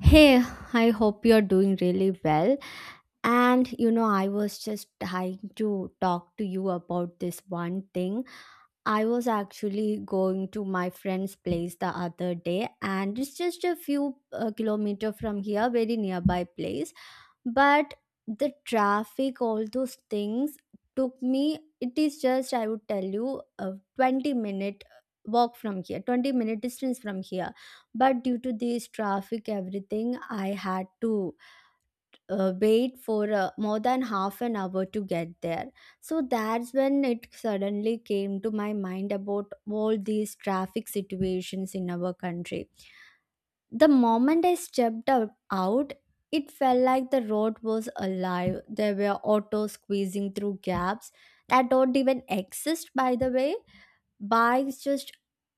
Hey, I hope you're doing really well. And you know, I was just trying to talk to you about this one thing. I was actually going to my friend's place the other day, and it's just a few kilometer from here, very nearby place, but the traffic, all those things, took me, it is just, I would tell you, a 20-minute walk from here, 20-minute distance from here, but due to this traffic everything I had to wait for more than half an hour to get there. So that's when it suddenly came to my mind about all these traffic situations in our country. The moment I stepped out, it felt like the road was alive. There were autos squeezing through gaps that don't even exist, by the way, bikes just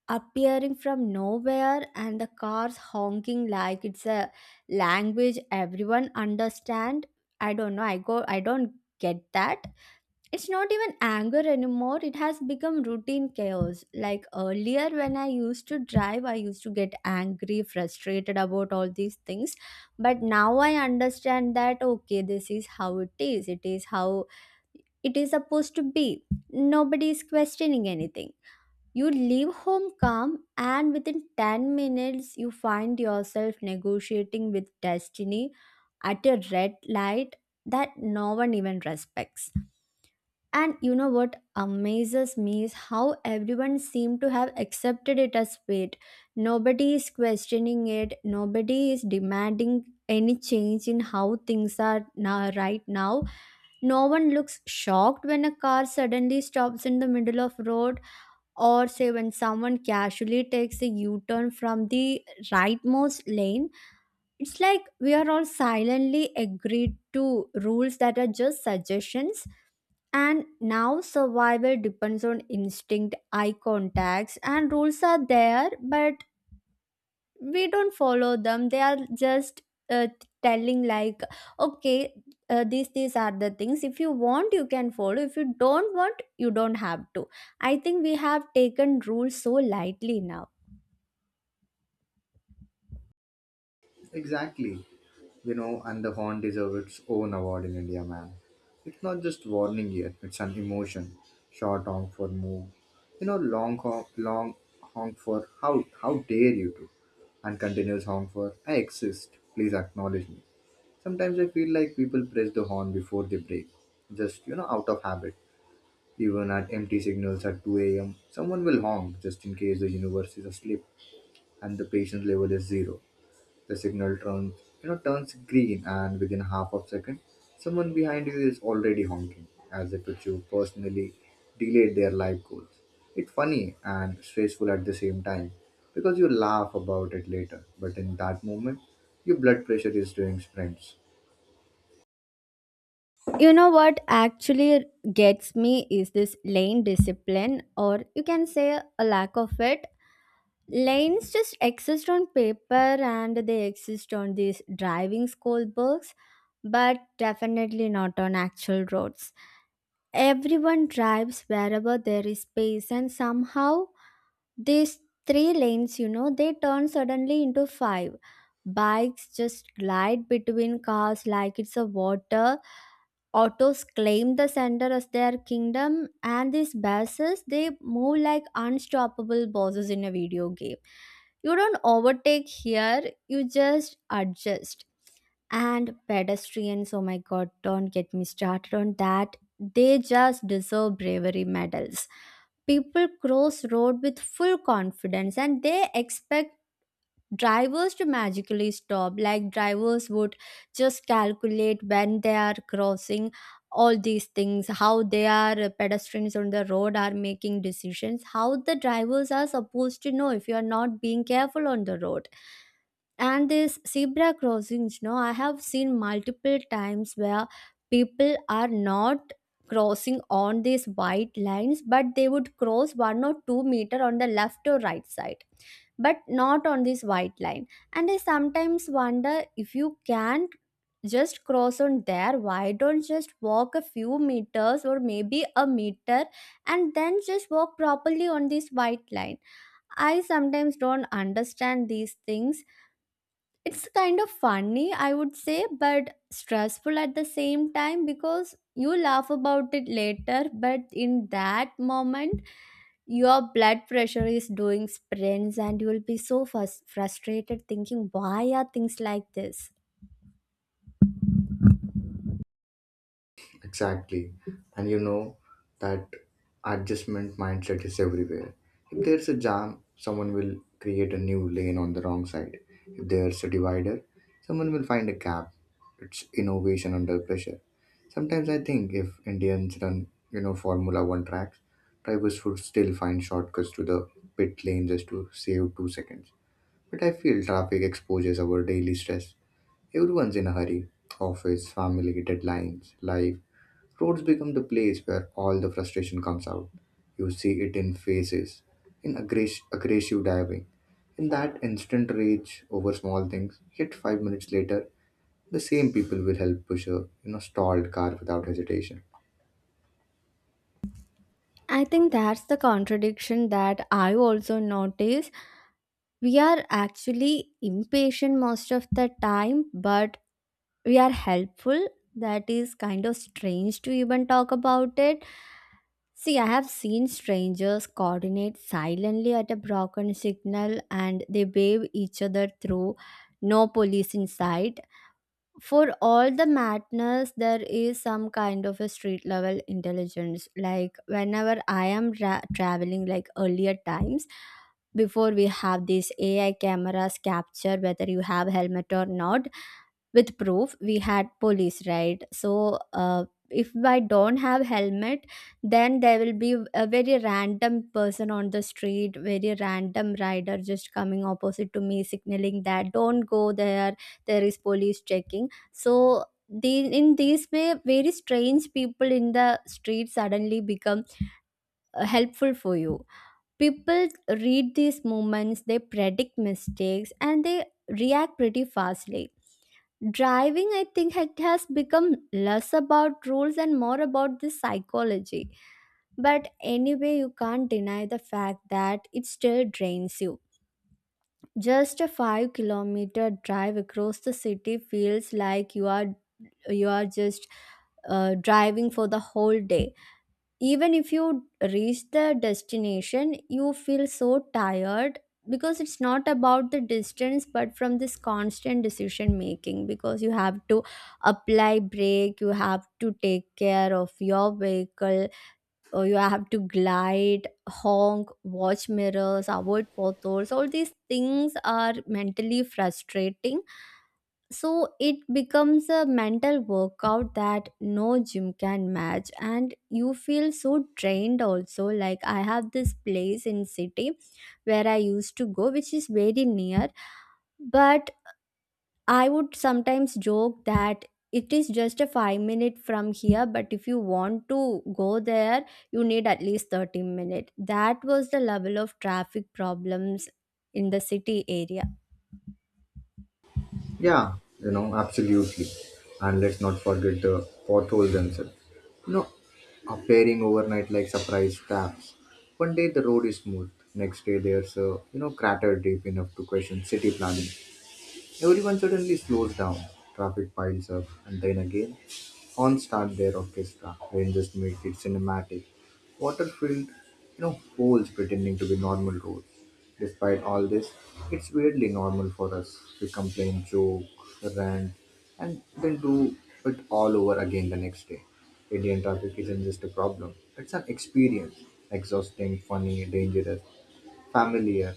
appearing from nowhere, and the cars honking like it's a language everyone understand. I don't know. I go. I don't get that. It's not even anger anymore, it has become routine chaos. Like earlier, when I used to drive, I used to get angry, frustrated about all these things. But now I understand that okay, this is how it is how it is supposed to be. Nobody is questioning anything. You leave home calm, and within 10 minutes, you find yourself negotiating with destiny at a red light that no one even respects. And you know what amazes me is how everyone seemed to have accepted it as fate. Nobody is questioning it, nobody is demanding any change in how things are now, right now. No one looks shocked when a car suddenly stops in the middle of road, or say when someone casually takes a U-turn from the rightmost lane. It's like we are all silently agreed to rules that are just suggestions, and now survival depends on instinct, eye contacts, and rules are there, but we don't follow them. They are just uh, telling, like, okay, these are the things. If you want, you can follow. If you don't want, you don't have to. I think we have taken rules so lightly now. Exactly. You know, and the horn deserves its own award in India, man. It's not just warning yet, it's an emotion. Short honk for move. You know, long honk for how dare you to. And continuous honk for I exist. Please acknowledge me. Sometimes I feel like people press the horn before they break. Just, you know, out of habit. Even at empty signals at 2 a.m., someone will honk just in case the universe is asleep and the patience level is zero. The signal turns, you know, turns green, and within half of second, someone behind you is already honking, as if it's you personally delayed their life goals. It's funny and stressful at the same time because you laugh about it later, but in that moment, your blood pressure is doing sprints. You know what actually gets me is this lane discipline, or you can say a lack of it. Lanes just exist on paper and they exist on these driving school books, but definitely not on actual roads. Everyone drives wherever there is space, and somehow these three lanes, you know, they turn suddenly into five. Bikes just glide between cars like it's a water. Autos claim the center as their kingdom, and these buses they move like unstoppable bosses in a video game. You don't overtake here, you just adjust. And pedestrians, oh my god, don't get me started on that. They just deserve bravery medals. People cross road with full confidence and they expect drivers to magically stop, like drivers would just calculate when they are crossing all these things. How they are, pedestrians on the road are making decisions, how the drivers are supposed to know if you are not being careful on the road. And this zebra crossings, no, I have seen multiple times where people are not crossing on these white lines, but they would cross 1 or 2 meter on the left or right side, but not on this white line. And I sometimes wonder, if you can't just cross on there, why don't just walk a few meters, or maybe a meter, and then just walk properly on this white line. I sometimes don't understand these things. It's kind of funny, I would say, but stressful at the same time because you laugh about it later, but in that moment, your blood pressure is doing sprints and you will be so frustrated thinking, why are things like this? Exactly. And you know that adjustment mindset is everywhere. If there's a jam, someone will create a new lane on the wrong side. If there's a divider, someone will find a gap. It's innovation under pressure. Sometimes I think if Indians run, you know, Formula One tracks, drivers would still find shortcuts to the pit lane just to save 2 seconds. But I feel traffic exposes our daily stress. Everyone's in a hurry. Office, family, deadlines, life. Roads become the place where all the frustration comes out. You see it in faces, in aggressive diving, in that instant rage over small things. Yet 5 minutes later, the same people will help push a, you know, stalled car without hesitation. I think that's the contradiction that I also notice. We are actually impatient most of the time, but we are helpful. That is kind of strange to even talk about it. See, I have seen strangers coordinate silently at a broken signal and they wave each other through, no police in sight. For all the madness, there is some kind of a street level intelligence. Like, whenever I am traveling, like earlier times, before we have these AI cameras capture whether you have helmet or not, with proof we had police, right, so if I don't have helmet, then there will be a very random person on the street, very random rider, just coming opposite to me signaling that don't go there, there is police checking. So in this way very strange people in the street suddenly become helpful for you. People read these movements, they predict mistakes and they react pretty fastly. Driving, I think it has become less about rules and more about the psychology. But anyway, you can't deny the fact that it still drains you. Just a 5-kilometer drive across the city feels like you are, you are just driving for the whole day. Even if you reach the destination you feel so tired, because it's not about the distance, but from this constant decision making, because you have to apply brake, you have to take care of your vehicle, or you have to glide, honk, watch mirrors, avoid potholes. All these things are mentally frustrating, so it becomes a mental workout that no gym can match, and you feel so drained also. Like, I have this place in city where I used to go which is very near, but I would sometimes joke that it is just a 5-minute from here, but if you want to go there you need at least 30 minutes. That was the level of traffic problems in the city area. Yeah, you know, absolutely. And let's not forget the potholes themselves. You know, appearing overnight like surprise taps. One day the road is smooth, next day there's a, you know, crater deep enough to question city planning. Everyone suddenly slows down, traffic piles up, and then again, horns start their orchestra. Rain just make it cinematic. Water filled, you know, holes pretending to be normal roads. Despite all this, it's weirdly normal for us. We complain, joke, rant, and then do it all over again the next day. Indian traffic isn't just a problem, it's an experience. Exhausting, funny, dangerous, familiar.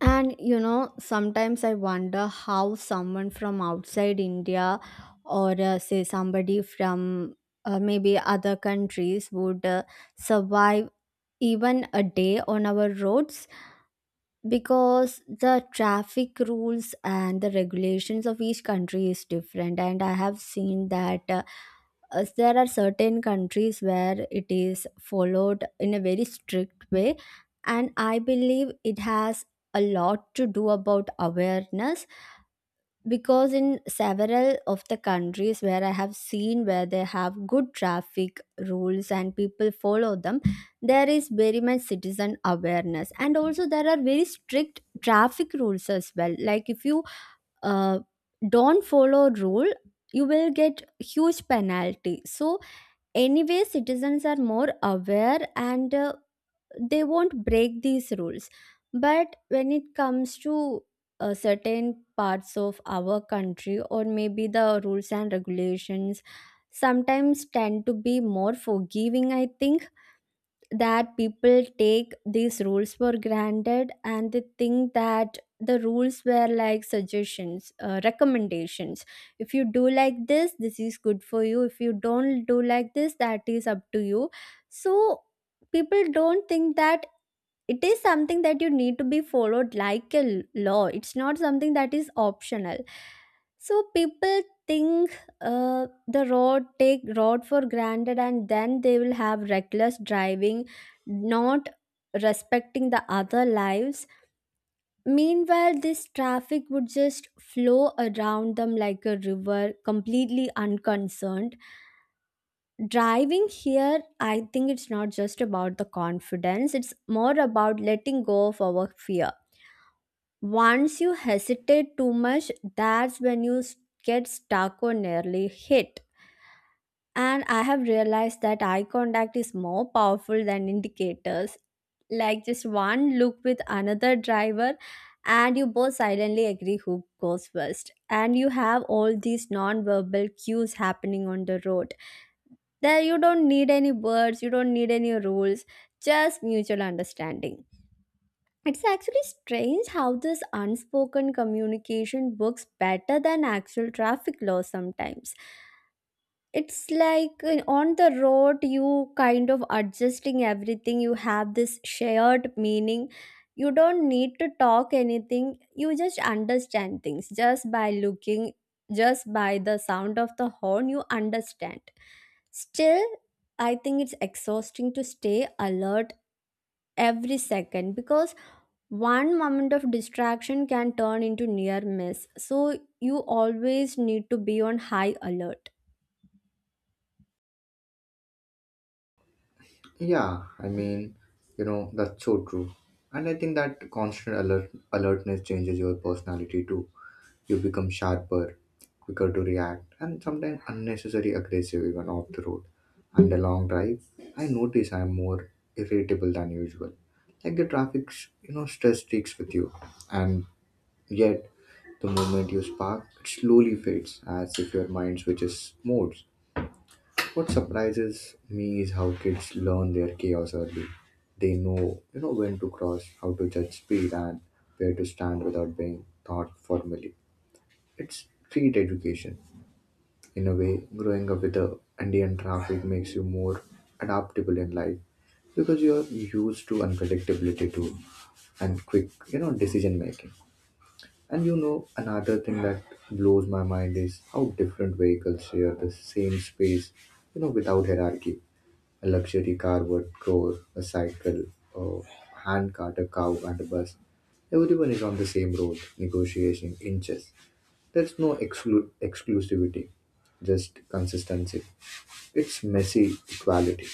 And you know, sometimes I wonder how someone from outside India, or say somebody from maybe other countries, would survive even a day on our roads, because the traffic rules and the regulations of each country is different, and I have seen that, there are certain countries where it is followed in a very strict way, and I believe it has a lot to do about awareness, because in several of the countries where I have seen, where they have good traffic rules and people follow them, there is very much citizen awareness, and also there are very strict traffic rules as well. Like if you uh, don't follow rule, you will get huge penalty. So anyway, citizens are more aware and they won't break these rules. But when it comes to certain parts of our country, or maybe the rules and regulations sometimes tend to be more forgiving, I think that people take these rules for granted, and they think that the rules were like suggestions, recommendations. If you do like this is good for you. If you don't do like this, that is up to you. So people don't think that it is something that you need to be followed like a law. It's not something that is optional. So people think, the road, take road for granted, and then they will have reckless driving, not respecting the other lives. Meanwhile this traffic would just flow around them like a river, completely unconcerned. Driving here, I think it's not just about the confidence, it's more about letting go of our fear. Once you hesitate too much, that's when you get stuck or nearly hit. And I have realized that eye contact is more powerful than indicators. Like just one look with another driver, and you both silently agree who goes first. And you have all these non-verbal cues happening on the road. There you don't need any words, you don't need any rules, just mutual understanding. It's actually strange how this unspoken communication works better than actual traffic laws sometimes. It's like, on the road, you kind of adjusting everything, you have this shared meaning. You don't need to talk anything, you just understand things just by looking, just by the sound of the horn, you understand. Still, I think it's exhausting to stay alert every second, because one moment of distraction can turn into near miss, so you always need to be on high alert. Yeah, I mean, you know, that's so true. And I think that constant alertness changes your personality too. You become sharper, quicker to react, and sometimes unnecessarily aggressive even off the road. And the long drive, I notice I'm more irritable than usual. Like the traffic, you know, stress sticks with you. And yet, the moment you spark, it slowly fades as if your mind switches modes. What surprises me is how kids learn their chaos early. They know, you know, when to cross, how to judge speed, and where to stand without being taught formally. It's street education. In a way, growing up with the Indian traffic makes you more adaptable in life because you're used to unpredictability too and quick, you know, decision making. And you know, another thing that blows my mind is how different vehicles share the same space, you know, without hierarchy. A luxury car would roar, a cycle, a hand cart, a cow, and a bus. Everyone is on the same road, negotiating inches. There's no exclusivity, just consistency. It's messy equality.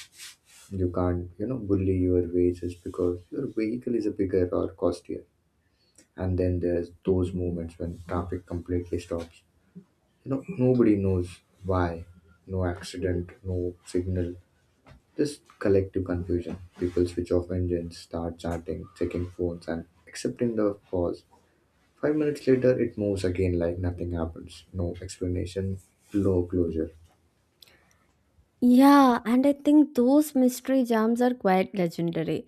You can't, you know, bully your wages because your vehicle is a bigger or costlier. And then there's those moments when traffic completely stops. You know, nobody knows why. No accident, no signal, this collective confusion. People switch off engines, start chatting, checking phones, and accepting the pause. 5 minutes later, it moves again like nothing happens. No explanation, no closure. Yeah, and I think those mystery jams are quite legendary.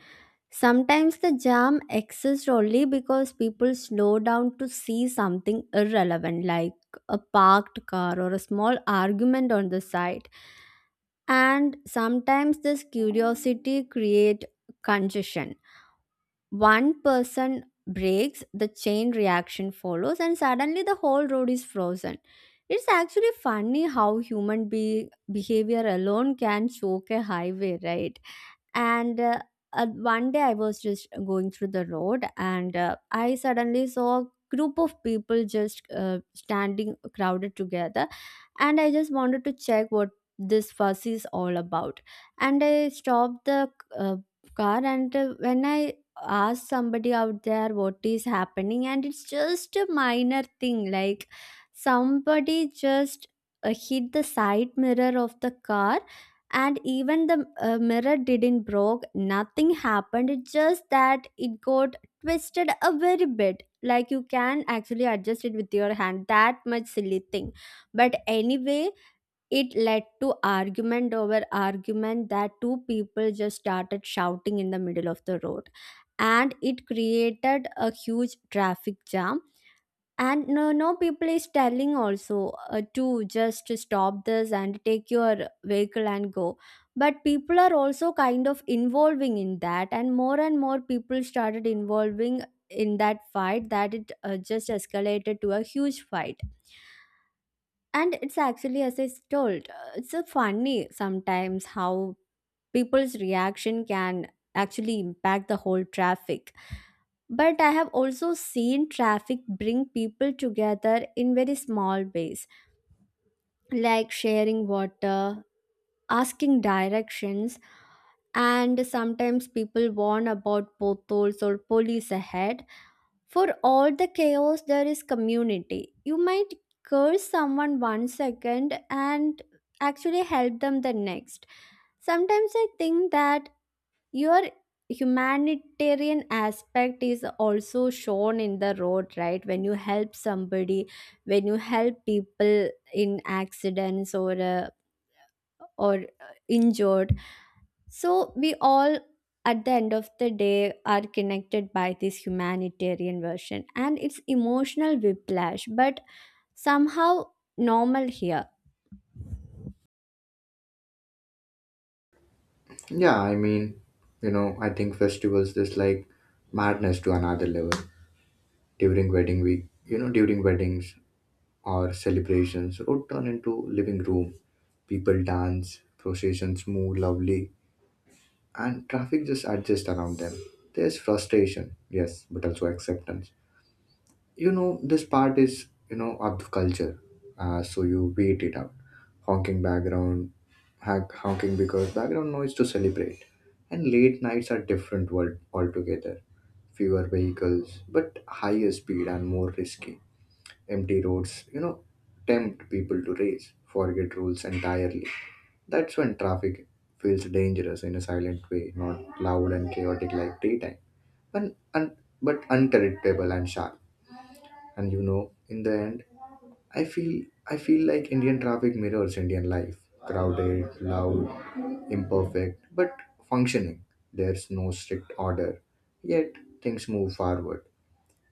Sometimes the jam exists only because people slow down to see something irrelevant, like a parked car or a small argument on the side, and sometimes this curiosity creates congestion. One person breaks, the chain reaction follows, and suddenly the whole road is frozen. It's actually funny how human behavior alone can choke a highway, right? and One day I was just going through the road, and I suddenly saw a group of people just standing crowded together, and I just wanted to check what this fuss is all about. And I stopped the uh, car, and when I asked somebody out there what is happening, and it's just a minor thing, like somebody just hit the side mirror of the car. And even the mirror didn't broke, nothing happened, it's just that it got twisted a very bit, like you can actually adjust it with your hand, that much silly thing. But anyway, it led to argument over argument, that two people just started shouting in the middle of the road, and it created a huge traffic jam. And no, no, people is telling also to just stop this and take your vehicle and go. But people are also kind of involving in that, and more people started involving in that fight, that it just escalated to a huge fight. And it's actually, as I told, it's funny sometimes how people's reaction can actually impact the whole traffic. But I have also seen traffic bring people together in very small ways, like sharing water, asking directions, and sometimes people warn about potholes or police ahead. For all the chaos, there is community. You might curse someone one second and actually help them the next. Sometimes I think that your humanitarian aspect is also shown in the road, right? When you help somebody, when you help people in accidents or injured. So we all at the end of the day are connected by this humanitarian version, and it's emotional whiplash, but somehow normal here. Yeah, I mean, you know, I think festivals is like madness to another level. During wedding week, you know, during weddings or celebrations, road turn into living room. People dance, processions move lovely, and traffic just adjusts around them. There's frustration, yes, but also acceptance. You know, this part is, you know, of the culture. So you wait it out. Honking background, honking because background noise to celebrate. And late nights are different world altogether. Fewer vehicles, but higher speed and more risky. Empty roads, you know, tempt people to race, forget rules entirely. That's when traffic feels dangerous in a silent way, not loud and chaotic like daytime, and but unpredictable and sharp. And you know, in the end, I feel I feel like Indian traffic mirrors Indian life, crowded, loud, imperfect, but functioning. There's no strict order, yet things move forward.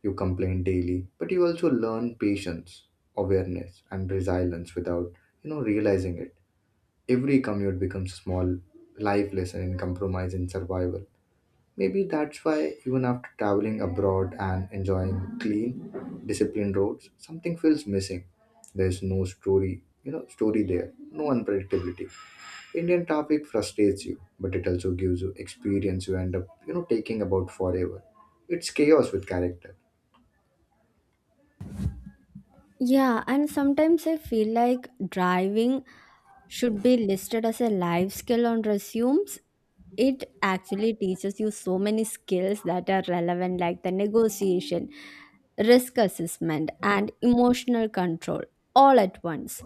You complain daily, but you also learn patience, awareness, and resilience without, you know, realizing it. Every commute becomes small life lesson in compromise and survival. Maybe that's why even after traveling abroad and enjoying clean, disciplined roads, something feels missing. There's no story, you know, story there, no unpredictability. Indian traffic frustrates you, but it also gives you experience you end up, you know, taking about forever. It's chaos with character. Yeah, and sometimes I feel like driving should be listed as a life skill on resumes. It actually teaches you so many skills that are relevant, like the negotiation, risk assessment, and emotional control all at once.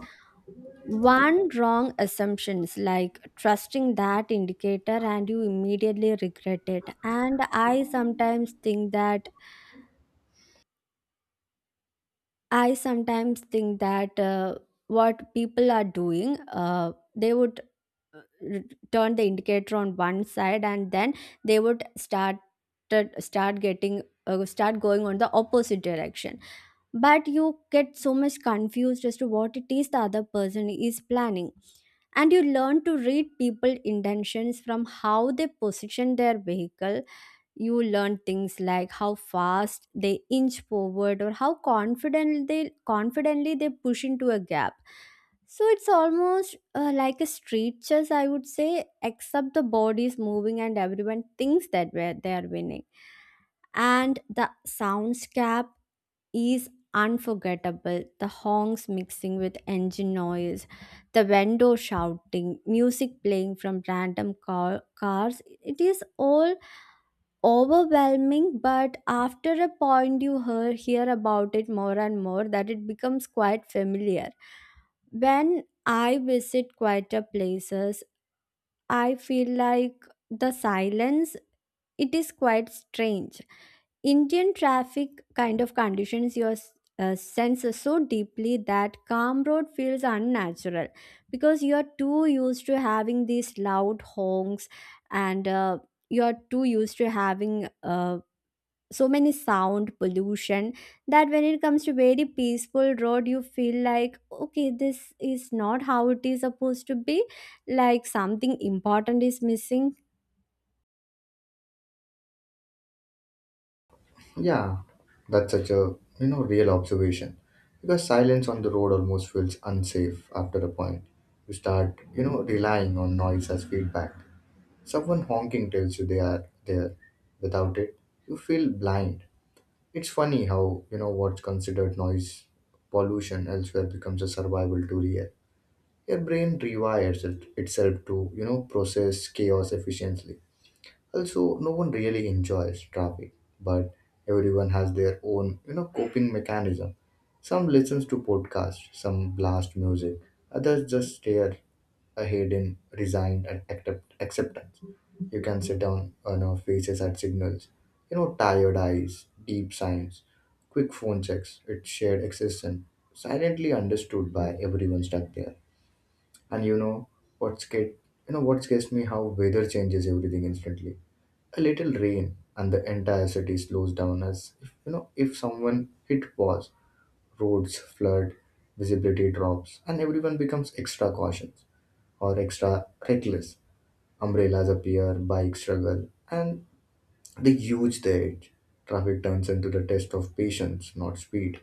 One wrong assumption is like trusting that indicator, and you immediately regret it. And I sometimes think that what people are doing, they would uh, r- turn the indicator on one side, and then they would start getting start going on the opposite direction. But you get so much confused as to what it is the other person is planning, and you learn to read people intentions from how they position their vehicle. You learn things like how fast they inch forward or how confident they confidently they push into a gap. So it's almost like a street chess, I would say, except the body is moving and everyone thinks that they are winning. And the soundscape is unforgettable. The honks mixing with engine noise, the vendor shouting, music playing from random cars. It is all overwhelming, but after a point you hear about it more and more, that it becomes quite familiar. When I visit quieter places, I feel like the silence, it is quite strange. Indian traffic kind of conditions your senses so deeply that calm road feels unnatural, because you are too used to having these loud honks, and you are too used to having so many sound pollution, that when it comes to very peaceful road, you feel like, okay, this is not how it is supposed to be, like something important is missing. Yeah, that's such a, you know, real observation because silence on the road almost feels unsafe after a point. You start, you know, relying on noise as feedback. Someone honking tells you they are there. Without it, you feel blind. It's funny how, you know, what's considered noise pollution elsewhere becomes a survival tool here. Your brain rewires itself to, you know, process chaos efficiently. Also, no one really enjoys traffic, but everyone has their own, you know, coping mechanism. Some listens to podcasts, some blast music, others just stare ahead in resigned and acceptance. You can sit down on our faces at signals, you know, tired eyes, deep sighs, quick phone checks. It's shared existence, silently understood by everyone stuck there. And what scared, you know what scares me? How weather changes everything instantly. A little rain and the entire city slows down as if, you know, if someone hit pause. Roads flood, visibility drops, and everyone becomes extra cautious or extra reckless. Umbrellas appear, bikes struggle, and the edge traffic turns into the test of patience, not speed.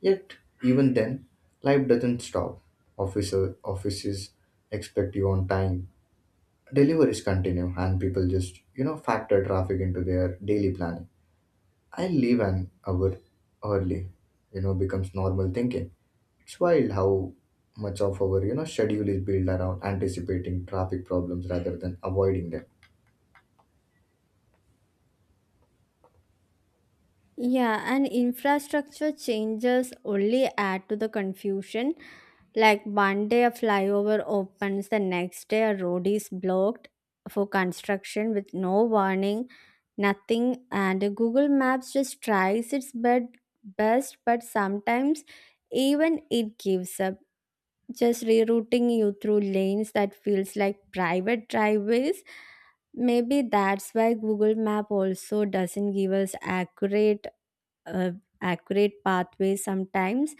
Yet even then, life doesn't stop. Officer Offices expect you on time, deliveries continue, and people just, you know, factor traffic into their daily planning. I leave an hour early, you know, becomes normal thinking. It's wild how much of our, you know, schedule is built around anticipating traffic problems rather than avoiding them. Yeah, and infrastructure changes only add to the confusion. Like one day a flyover opens, the next day a road is blocked for construction with no warning, nothing, and Google Maps just tries its best, but sometimes even it gives up, just rerouting you through lanes that feels like private driveways. Maybe that's why Google Map also doesn't give us accurate uh, accurate pathways sometimes.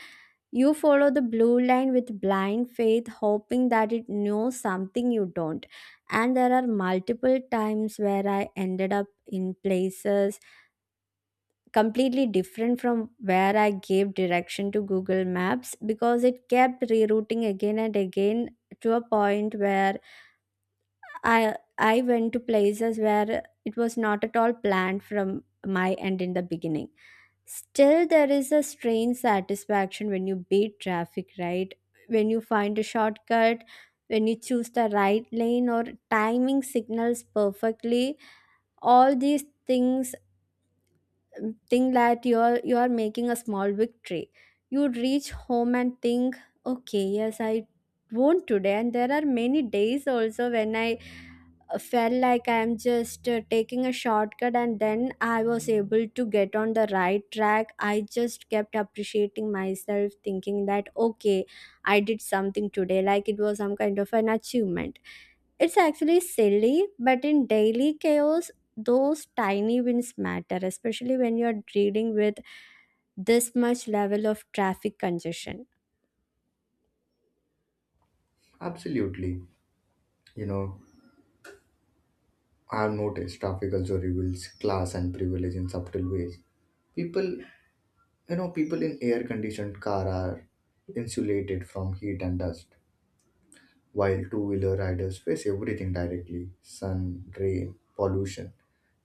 You follow the blue line with blind faith, hoping that it knows something you don't. And there are multiple times where I ended up in places completely different from where I gave direction to Google Maps, because it kept rerouting again and again, to a point where I went to places where it was not at all planned from my end in the beginning. Still, there is a strange satisfaction when you beat traffic, right? When you find a shortcut, when you choose the right lane or timing signals perfectly, all these things think that you are making a small victory. You reach home and think, okay, yes, I won today. And there are many days also when I felt like I'm just taking a shortcut, and then I was able to get on the right track. I just kept appreciating myself, thinking that, okay, I did something today, like it was some kind of an achievement. It's actually silly, but in daily chaos, those tiny wins matter, especially when you're dealing with this much level of traffic congestion. Absolutely. You know, I've noticed traffic also reveals class and privilege in subtle ways. People, people in air conditioned car are insulated from heat and dust, while two wheeler riders face everything directly: sun, rain, pollution.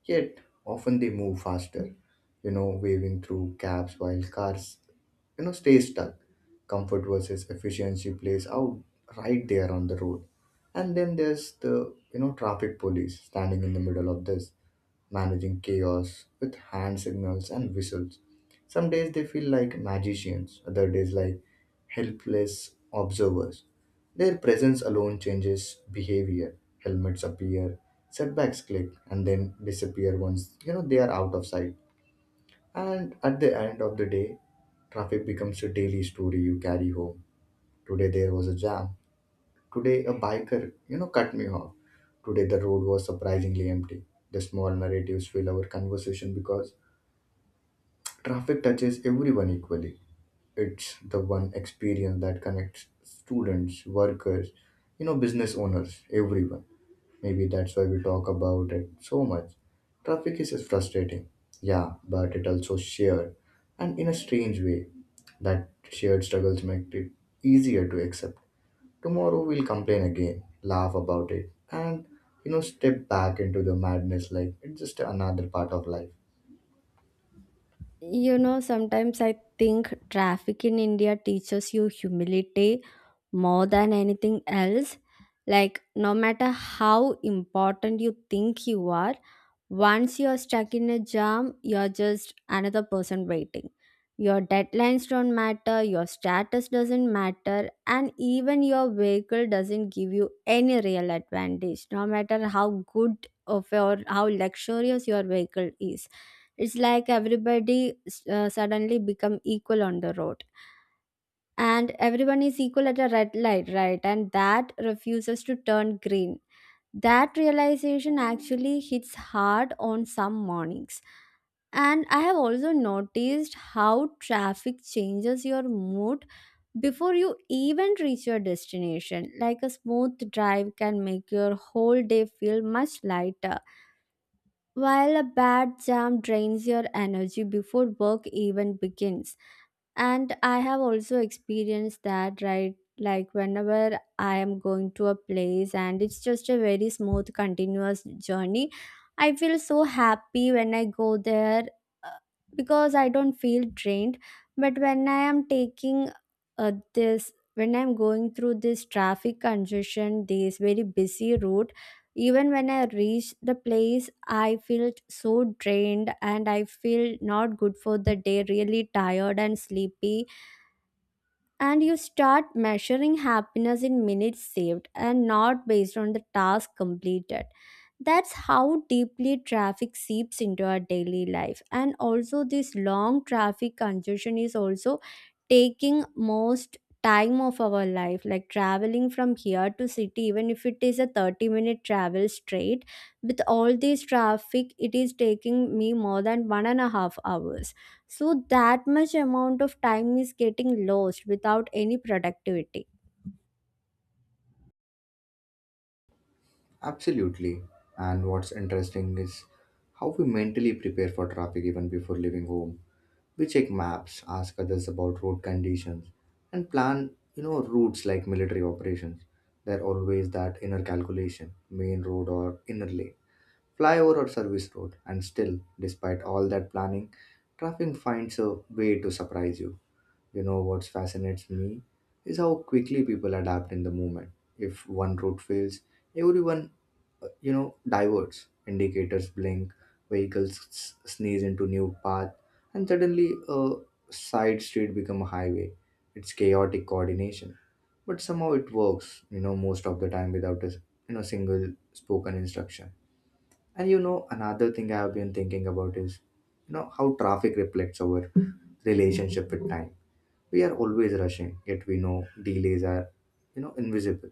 Yet, often they move faster, you know, waving through gaps while cars, you know, stay stuck. Comfort versus efficiency plays out right there on the road. And then there's the, you know, traffic police standing in the middle of this managing chaos with hand signals and whistles. Some days they feel like magicians, other days like helpless observers. Their presence alone changes behavior. Helmets appear, setbacks click, and then disappear once, you know, they are out of sight. And at the end of the day, traffic becomes a daily story you carry home. Today there was a jam. Today, a biker, you know, cut me off. Today, the road was surprisingly empty. The small narratives fill our conversation because traffic touches everyone equally. It's the one experience that connects students, workers, you know, business owners, everyone. Maybe that's why we talk about it so much. Traffic is frustrating, yeah, but it also shared, and in a strange way, that shared struggles make it easier to accept. Tomorrow we'll complain again, laugh about it, and, you know, step back into the madness like it's just another part of life. You know, sometimes I think traffic in India teaches you humility more than anything else. Like, no matter how important you think you are, once you're stuck in a jam, you're just another person waiting. Your deadlines don't matter, your status doesn't matter, and even your vehicle doesn't give you any real advantage, no matter how good of your, how luxurious your vehicle is. It's like everybody suddenly become equal on the road, and everyone is equal at a red light, right, and that refuses to turn green. That realization actually hits hard on some mornings. And I have also noticed how traffic changes your mood before you even reach your destination. Like a smooth drive can make your whole day feel much lighter, while a bad jam drains your energy before work even begins. And I have also experienced that, right? Like whenever I am going to a place and it's just a very smooth, continuous journey, I feel so happy when I go there, uh, because I don't feel drained. But when I am taking when I'm going through this traffic congestion, this very busy route, even when I reached the place, I felt so drained, and I feel not good for the day, really tired and sleepy. And you start measuring happiness in minutes saved and not based on the task completed. That's how deeply traffic seeps into our daily life. And also, this long traffic congestion is also taking most time of our life, like traveling from here to city, even if it is a 30-minute minute travel straight, with all this traffic it is taking me more than one and a half hours. So that much amount of time is getting lost without any productivity. Absolutely. And what's interesting is how we mentally prepare for traffic even before leaving home. We check maps, ask others about road conditions, and plan, you know, routes like military operations. There always that inner calculation, main road or inner lane, flyover or service road, and still, despite all that planning, traffic finds a way to surprise you. You know what fascinates me is how quickly people adapt in the movement. If one route fails, everyone, you know, diverts. Indicators blink, sneeze into new path, and suddenly a side street become a highway. It's chaotic coordination, but somehow it works. You know, most of the time without a single spoken instruction. And you know, another thing I have been thinking about is, you know, how traffic reflects our relationship with time. We are always rushing, yet we know delays are, you know, invisible.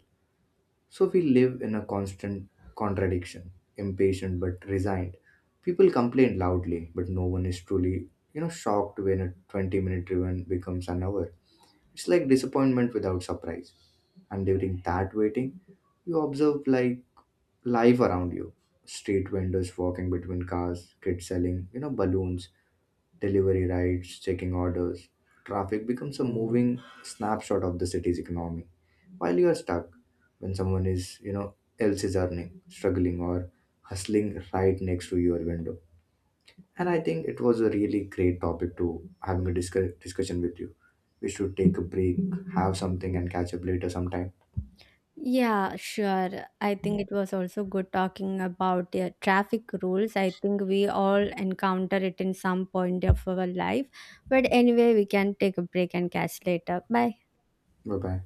So we live in a constant contradiction, impatient but resigned. People complain loudly, but no one is truly, you know, shocked when a 20-minute driven becomes an hour. It's like disappointment without surprise. And during that waiting, you observe like life around you. Street vendors walking between cars, kids selling, you know, balloons, delivery rides, checking orders. Traffic becomes a moving snapshot of the city's economy. While you are stuck, when someone is, you know, else is earning, struggling, or hustling right next to your window. And I think it was a really great topic to having a discussion with you. We should take a break, have something, and catch up later sometime. Yeah, sure. I think it was also good talking about the traffic rules. I think we all encounter it in some point of our life. But anyway, we can take a break and catch later. Bye. Bye bye.